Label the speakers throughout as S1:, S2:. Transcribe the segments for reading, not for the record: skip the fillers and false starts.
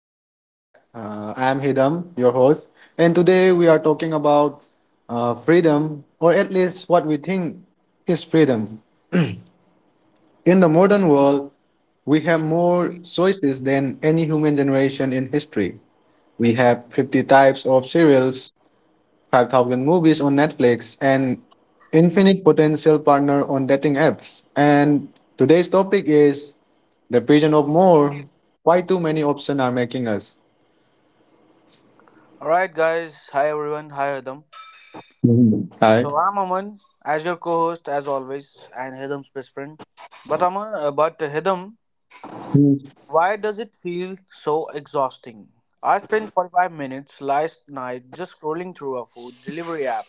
S1: welcome back. I am Hidam, your host, and today we are talking about freedom, or at least what we think is freedom. In the modern world, we have more choices than any human generation in history. We have 50 types of cereals, 5,000 movies on Netflix, and infinite potential partner on dating apps. And today's topic is the prison of more, why too many options are making us.
S2: All right, guys. Hi, everyone. Hi, Adam.
S1: Mhm. Hi.
S2: So I'm Aman, as your co-host, as always, and Hidam's best friend. But Aman, but Hidam, why does it feel so exhausting? I spent 45 minutes last night just scrolling through a food delivery app.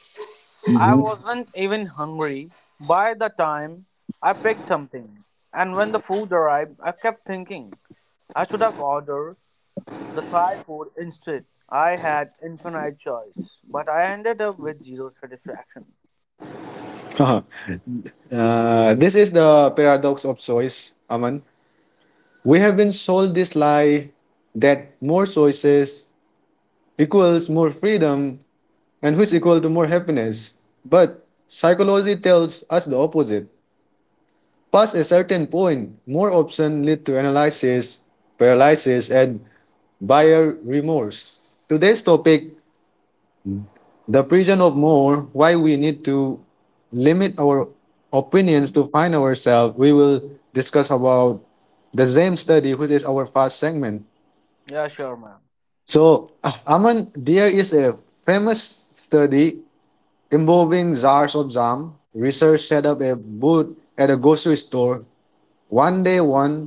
S2: I
S1: Mhm.
S2: wasn't even hungry by the time I picked something, and when the food arrived, I kept thinking I should have ordered the Thai food instead. I had infinite choice, but I ended up with zero satisfaction.
S1: This is the paradox of choice, Aman. We have been sold this lie that more choices equals more freedom and which equal to more happiness. But psychology tells us the opposite. Past a certain point, more options lead to analysis, paralysis, and buyer remorse. Today's topic, the prison of more, why we need to limit our opinions to find ourselves. We will discuss about the same study, which is our first segment.
S2: Yeah, sure, ma'am.
S1: So Aman, there is a famous study involving jars of jam. Research set up a booth at a grocery store. One day one,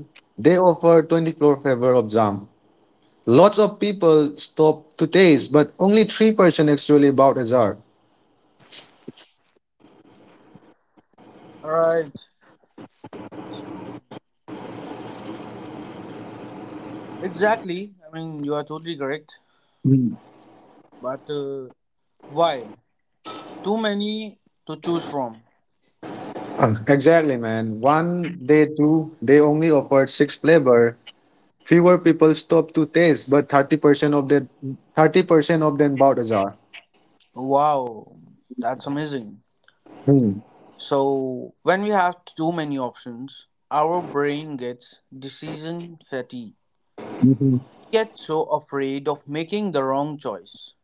S1: they offer 24 flavor of jam. Lots of people stop to taste, but only 3% actually bought a jar.
S2: Alright. Exactly. I mean, you are totally correct. But why? Too many to choose from.
S1: Exactly, man. One day, two, they only offered six flavor. Fewer people stopped to taste, but 30% of the 30% of them bought a jar.
S2: Wow, that's amazing.
S1: Hmm.
S2: So, when we have too many options, our brain gets decision fatigue.
S1: Mhm.
S2: We get so afraid of making the wrong choice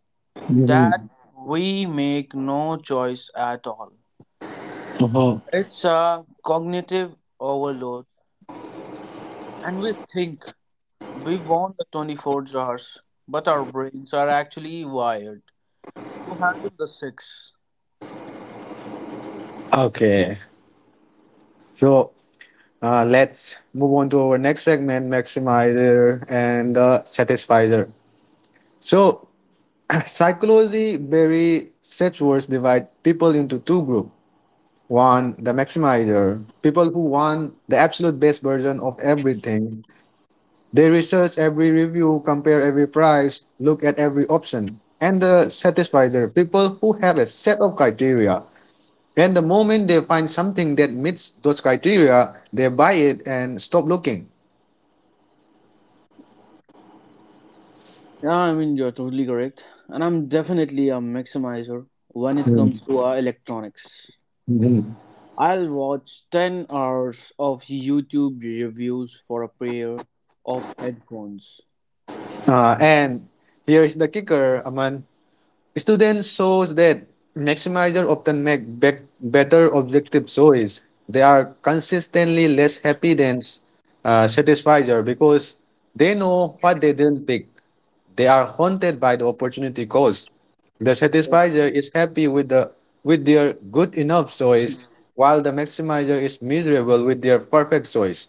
S2: that
S1: Mhm.
S2: we make no choice at all.
S1: Uh-huh.
S2: It's a cognitive overload, and we think we want the 24 hours, but our brains are actually wired to handle the six.
S1: Okay, so let's move on to our next segment, maximizer and satisfizer. So psychology very such words divide people into two groups. One, the maximizer, people who want the absolute best version of everything. They research every review, compare every price, look at every option, and satisfy their people who have a set of criteria. And the moment they find something that meets those criteria, they buy it and stop looking.
S2: Yeah, I mean, you're totally correct. And I'm definitely a maximizer when it
S1: Mm,
S2: comes to electronics.
S1: mhm.
S2: I'll watch 10 hours of YouTube reviews for a pair of headphones.
S1: And here is the kicker, Aman. Students shows that maximizers often make better objective choice. They are consistently less happy than satisfier because they know what they didn't pick. They are haunted by the opportunity cost. The satisfier is happy with the with their good enough choice, while the maximizer is miserable with their perfect choice.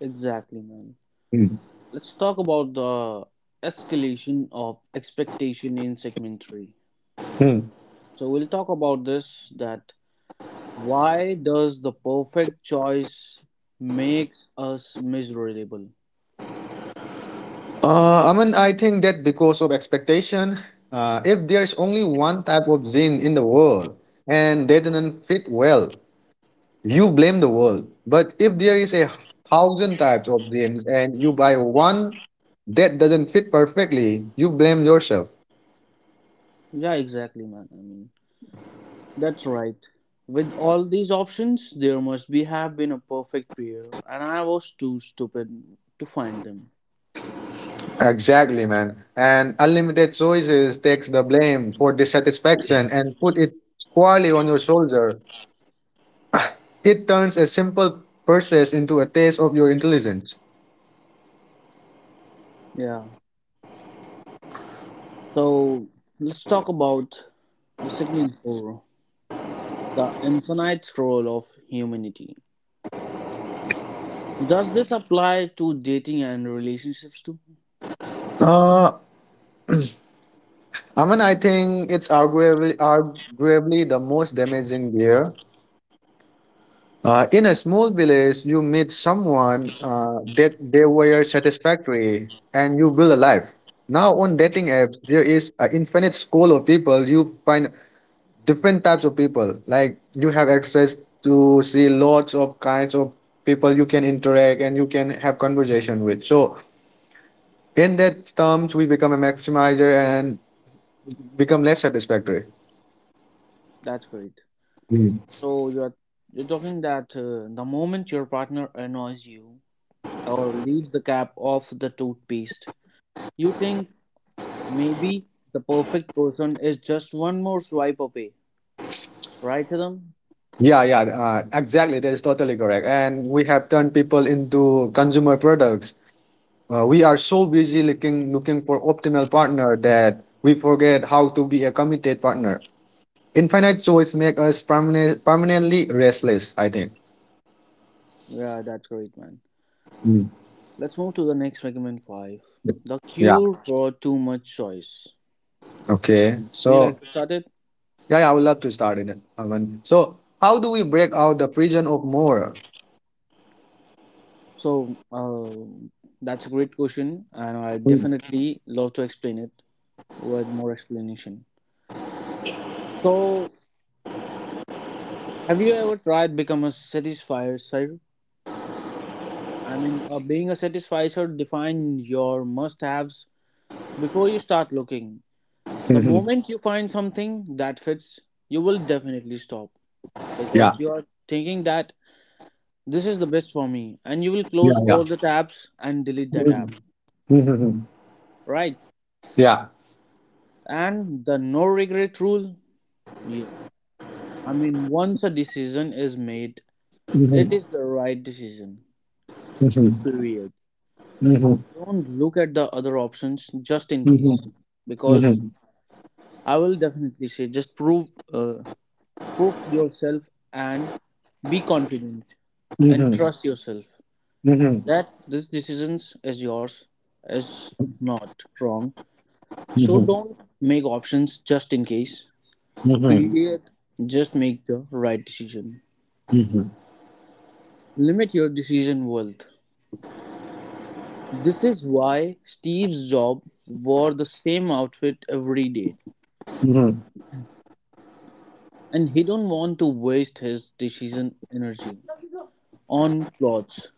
S2: Exactly, man.
S1: Hmm.
S2: Let's talk about the escalation of expectation in segment three.
S1: Hmm.
S2: So we'll talk about this, that why does the perfect choice makes us miserable?
S1: I mean, I think that because of expectation, if there's only one type of zine in the world and they didn't fit well, you blame the world. But if there is a thousand types of zines and you buy one that doesn't fit perfectly, you blame yourself.
S2: Yeah, exactly, man. I mean, that's right. With all these options, there must be have been a perfect pair, and I was too stupid to find them.
S1: Exactly, man. And unlimited choices takes the blame for dissatisfaction and put it squarely on your shoulder. It turns a simple purchase into a taste of your intelligence.
S2: Yeah. So let's talk about the segment four, the infinite scroll of humanity. Does this apply to dating and relationships too?
S1: Uh, I mean, I think it's arguably the most damaging beer. In a small village, you meet someone that they were satisfactory and you will alive. Now on dating apps, there is an infinite school of people. You find different types of people. Like you have access to see lots of kinds of people you can interact and you can have conversation with. So in that terms, we become a maximizer and become less satisfactory.
S2: That's great. So you're talking that the moment your partner annoys you or leaves the cap off the toothpaste, you think maybe the perfect person is just one more swipe away, right, Adam?
S1: Yeah, yeah, exactly. That is totally correct. And we have turned people into consumer products. We are so busy looking for optimal partner that we forget how to be a committed partner. Infinite choice make us permanently restless. I think.
S2: Yeah, that's great, man.
S1: Mm.
S2: Let's move to the next segment five: the
S1: Yeah.
S2: cure for too much choice.
S1: Okay.
S2: Would you like
S1: So
S2: to start it?
S1: yeah, yeah, I would love to start it, Aman. So how do we break out the prison of more?
S2: So that's a great question, and I
S1: Mm.
S2: definitely love to explain it with more explanation. So have you ever tried become a satisfier, sir? I mean, being a satisfier define your must-haves before you start looking. The
S1: Mhm.
S2: moment you find something that fits, you will definitely stop
S1: Yeah.
S2: because you are thinking that this is the best for me, and you will
S1: Yeah.
S2: close
S1: Yeah.
S2: all the tabs and delete that app,
S1: Mhm.
S2: right?
S1: yeah.
S2: And the no regret rule, yeah. I mean, once a decision is made, it is the right decision. Period. Don't look at the other options just in
S1: Mhm,
S2: case, because
S1: mhm,
S2: I will definitely say just prove yourself and be confident and
S1: mhm,
S2: trust yourself
S1: mhm, mhm,
S2: that this decisions is yours is not wrong.
S1: mhm,
S2: So
S1: mhm,
S2: don't make options just in case.
S1: mhm,
S2: Period. Just make the right decision. Limit your decision worth. This is why Steve's job wore the same outfit every day,
S1: mhm,
S2: and he don't want to waste his decision energy on plots.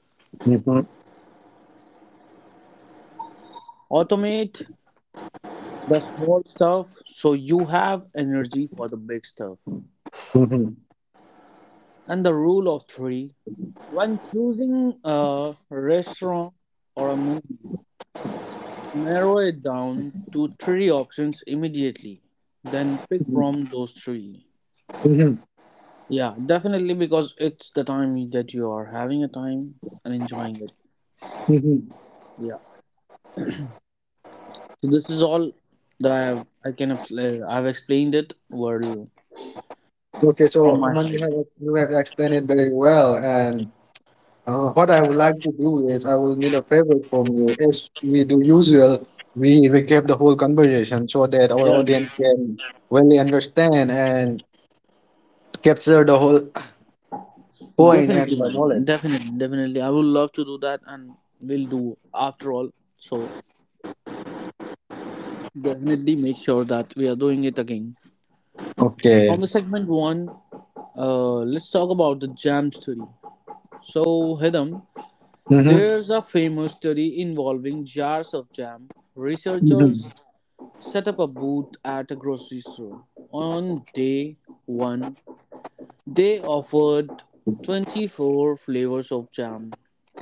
S2: Automate the small stuff so you have energy for the big stuff.
S1: mhm,
S2: And the rule of three: when choosing a restaurant or a movie, narrow it down to three options immediately. Then pick from those three.
S1: mhm,
S2: Yeah, definitely because it's the time that you are having a time and enjoying it.
S1: mhm.
S2: Yeah. So this is all that I have. I've explained it well
S1: Okay,
S2: from
S1: so
S2: my
S1: Aman,
S2: side.
S1: you have explained it very well, and what I would like to do is I will need a favor from you. As we do usual, we recap the whole conversation so that our
S2: Yeah,
S1: audience can really understand and capture the whole point and
S2: definitely,
S1: the
S2: man.
S1: knowledge.
S2: Definitely. I would love to do that, and we'll do after all. So definitely make sure that we are doing it again. From
S1: Okay.
S2: the segment one, let's talk about the jam study. So Hidam,
S1: Mm-hmm.
S2: there's a famous study involving jars of jam. Researchers set up a booth at a grocery store on day one. They offered 24 flavors of jam.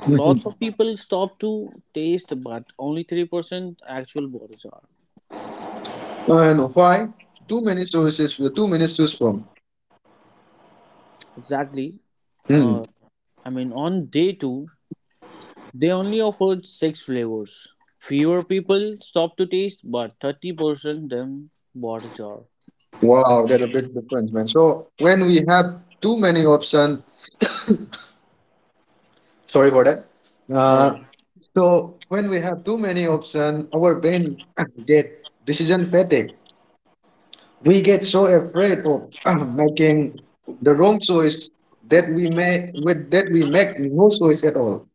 S2: Lots of people stopped to taste, but only 3% actual bought are.
S1: And why? Too many choices, too many to choose from.
S2: Exactly.
S1: Hmm.
S2: Uh, I mean, on day two, they only offered six flavors. Fewer people stopped to taste, but 30% them bought a jar.
S1: Wow, that's a big difference, man. So when we have too many options, sorry for that.
S2: All
S1: Uh,
S2: right,
S1: so when we have too many options, our brain get decision fatigue. We get so afraid of making the wrong choice that we may with that we make no choice at all.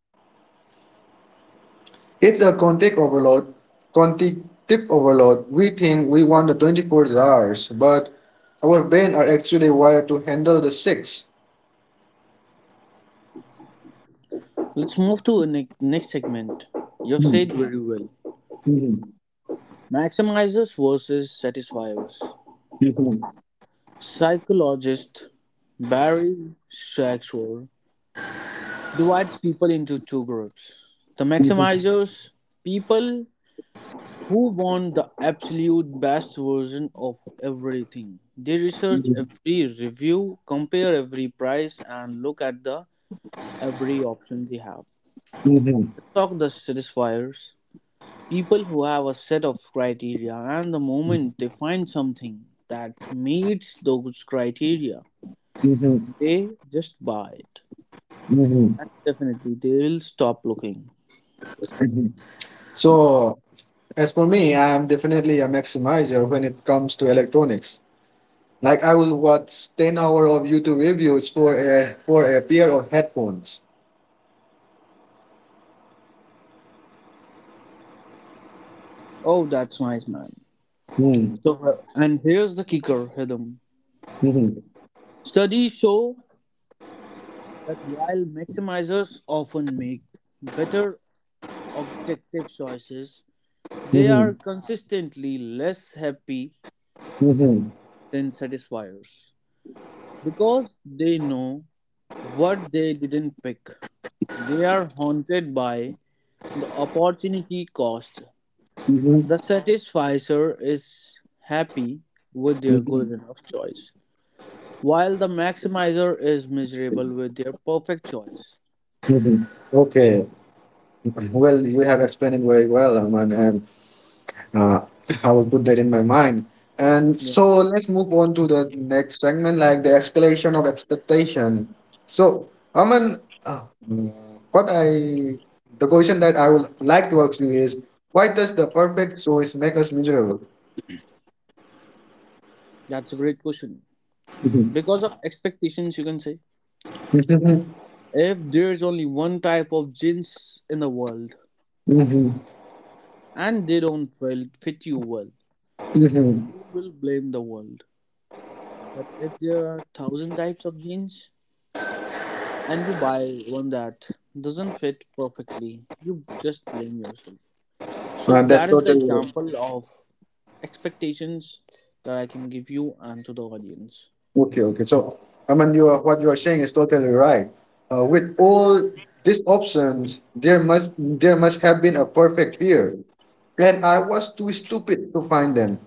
S1: It's a context overload. Cognitive overload. We think we want the 24 hours, but our brain are actually wired to handle the six.
S2: let's move to the next segment. You've said
S1: Mhm,
S2: very well.
S1: mhm,
S2: Maximizers versus satisfiers.
S1: mhm,
S2: Psychologist Barry Schweitzer divides people into two groups, the
S1: mhm,
S2: maximizers, people who want the absolute best version of everything. They research
S1: mhm,
S2: every review, compare every price, and look at the every option they have.
S1: mhm,
S2: The Stock the satisfiers, people who have a set of criteria, and the moment they find something that meets those criteria,
S1: mhm,
S2: they just buy it.
S1: mhm,
S2: Definitely, they will stop looking.
S1: mhm. So, as for me, I am definitely a maximizer when it comes to electronics. Like I will watch 10 hour of YouTube reviews for a pair of headphones.
S2: Oh, that's nice, man.
S1: Mhm,
S2: So, and here's the kicker, Hidam.
S1: mhm,
S2: Studies show that while maximizers often make better objective choices, they are
S1: mhm,
S2: consistently less happy
S1: mhm,
S2: than satisfiers because they know what they didn't pick. They are haunted by the opportunity cost.
S1: mhm,
S2: The satisficer is happy with their
S1: mhm.
S2: good enough choice while the maximizer is miserable with their perfect choice.
S1: Mhm. Okay. Well, you have explained it very well, Aman, and uh, I will put that in my mind. And
S2: Yeah,
S1: so let's move on to the next segment, like the escalation of expectation. So, Aman, what I, the question that I would like to ask you is, why does the perfect choice make us miserable?
S2: that's a great question.
S1: Mhm.
S2: Because of expectations, you can say.
S1: Mhm.
S2: If there's only one type of jeans in the world
S1: Mhm.
S2: and they don't well fit you well,
S1: Mhm.
S2: you will blame the world. But if there are thousand types of jeans and you buy one that doesn't fit perfectly, you just blame yourself. So
S1: That's
S2: that
S1: so
S2: is the
S1: true.
S2: example of expectations that I can give you and to the audience.
S1: Okay, okay. So, I mean, what you are saying is totally right. With all these options, there must have been a perfect fear, and I was too stupid to find them.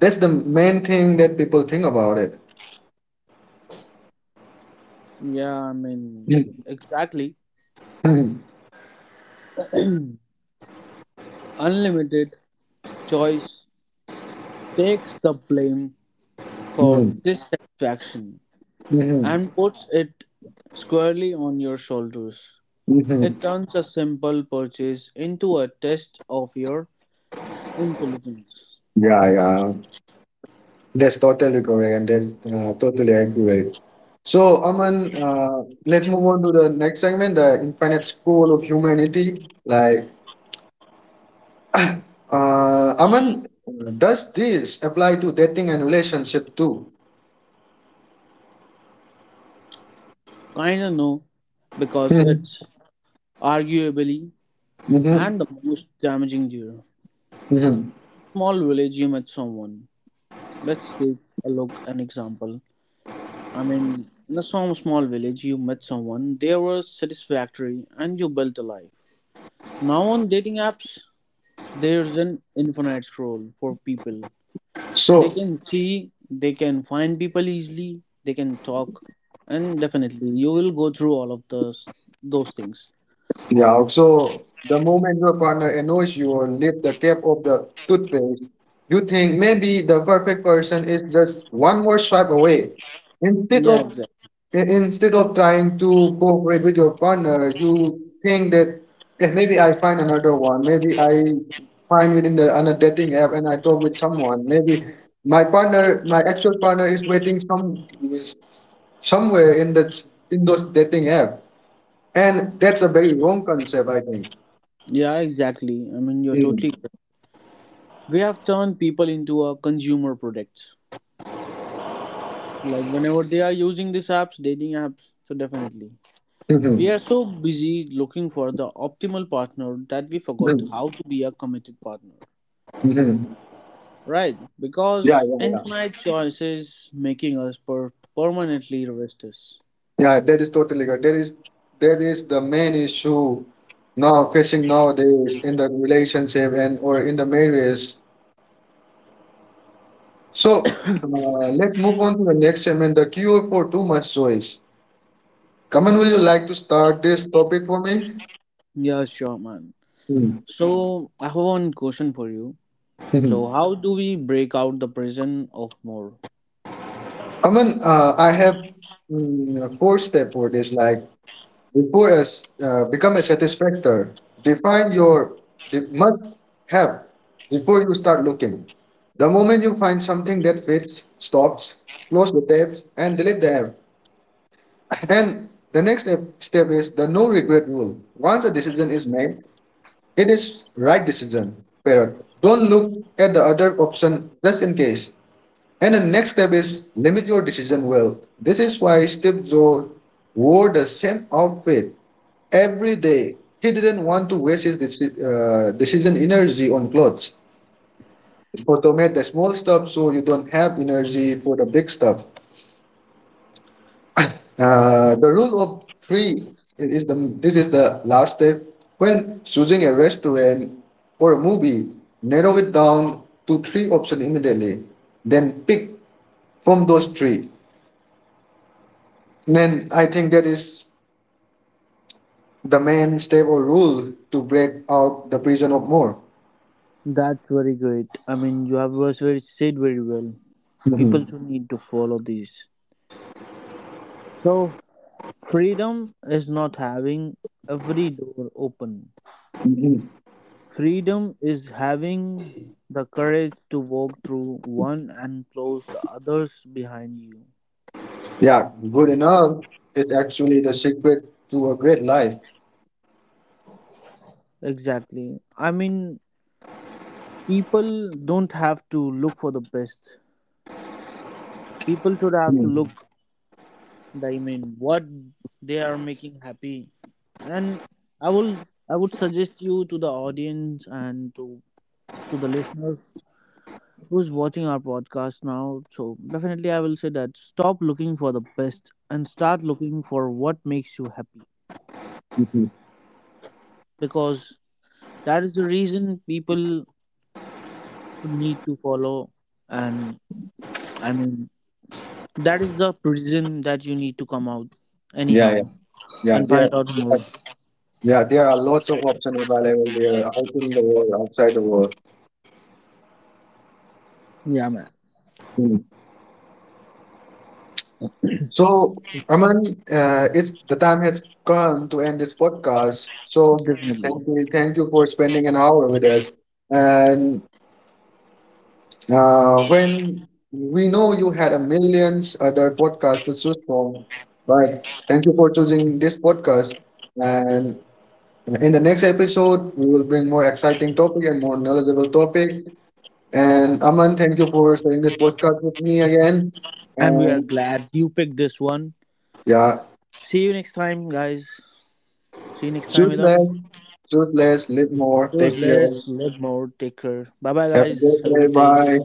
S1: That's the main thing that people think about it.
S2: Yeah, I mean, exactly.
S1: Mhm,
S2: Unlimited choice takes the blame for
S1: mhm,
S2: dissatisfaction
S1: mhm,
S2: and puts it squarely on your shoulders.
S1: mhm.
S2: It turns a simple purchase into a test of your intelligence.
S1: Yeah, yeah, that's totally correct and that's totally accurate. So, Aman, let's move on to the next segment, the infinite school of humanity. Like, Aman, does this apply to dating and relationship too?
S2: Kinda no, because it's
S1: Hmm.
S2: arguably
S1: Hmm.
S2: and the most damaging deer.
S1: Hmm.
S2: Small village, you met someone. Let's take a look an example. I mean, in a some small village, you met someone, they were satisfactory, and you built a life. Now on dating apps, there's an infinite scroll for people. They
S1: So,
S2: can see, they can find people easily, they can talk, and definitely you will go through all of those things.
S1: yeah, also, the moment your partner annoys you or lift the cap of the toothpaste, you think maybe the perfect person is just one more swipe away. Instead
S2: Yeah,
S1: of
S2: exactly.
S1: Instead of trying to cooperate with your partner, you think that, "Eh, maybe I find another one, maybe I find within the on a dating app and I talk with someone. Maybe my actual partner, is waiting somewhere in that in those dating app. And that's a very wrong concept, I think."
S2: Yeah, exactly. I mean, you're
S1: Mm.
S2: totally correct. We have turned people into a consumer products. Like whenever they are using these apps, dating apps, so definitely. We are
S1: Mhm.
S2: so busy looking for the optimal partner that we forgot
S1: Mm.
S2: how to be a committed partner.
S1: Mhm.
S2: Right,
S1: Yeah,
S2: because
S1: yeah, yeah.
S2: infinite choices making us permanently restless.
S1: Yeah, that is totally correct. That is the main issue now facing nowadays in the relationship and or in the marriage. So let's move on to the next segment, the cure for too much choice. Kaman, would you like to start this topic for me?
S2: Yeah, sure, man.
S1: Mm.
S2: So, I have one question for you.
S1: Mhm.
S2: So, how do we break out the prison of more?
S1: Aman, I have a four step for this. Like, before a s become a satisfactor, define your must have before you start looking. The moment you find something that fits, stops, close the tabs and delete the app. And the next step is the no regret rule. Once a decision is made, it is right decision. Period. Don't look at the other option just in case. And the next step is limit your decision wealth. This is why Steve Jobs wore the same outfit every day. He didn't want to waste his decision energy on clothes. Automate the small stuff so you don't have energy for the big stuff. The rule of three it is the this is the last step. When choosing a restaurant or a movie, narrow it down to three options immediately. Then pick from those three. Then I think that is the main step or rule to break out the prison of more.
S2: That's very great. I mean, you have was very said very well. People
S1: Mhm.
S2: too need to follow these. So, freedom is not having every door open.
S1: Mhm.
S2: Freedom is having the courage to walk through one and close the others behind you.
S1: Yeah, good enough is actually the secret to a great life.
S2: Exactly. I mean, people don't have to look for the best. People should have to look,
S1: Mhm.
S2: I mean, what they are making happy. And I will, I would suggest you to the audience and to the listeners who's watching our podcast now. So definitely, I will say that stop looking for the best and start looking for what makes you happy,
S1: Mhm.
S2: because that is the reason people need to follow, and I mean that is the prison that you need to come out
S1: Yeah, yeah,
S2: anyhow
S1: yeah.
S2: and find out more.
S1: Yeah, there are lots of options available there, out in the world, outside the world.
S2: Yeah, man,
S1: Mhm. So, Aman, it's the time has come to end this podcast. So,
S2: definitely,
S1: thank you for spending an hour with us, and when we know you had a millions other podcasts to choose from, but thank you for choosing this podcast. And in the next episode, we will bring more exciting topic and more knowledgeable topic. And Aman, thank you for sharing this podcast with me again.
S2: and we are
S1: And
S2: glad you picked this one.
S1: yeah,
S2: See you next time, guys. See you next time,
S1: choose
S2: Idam.
S1: less, choose less, live more.
S2: Those
S1: Take care.
S2: less let more, take care. Bye bye,
S1: Have a
S2: guys,
S1: good
S2: have a
S1: day.
S2: good day.
S1: Bye.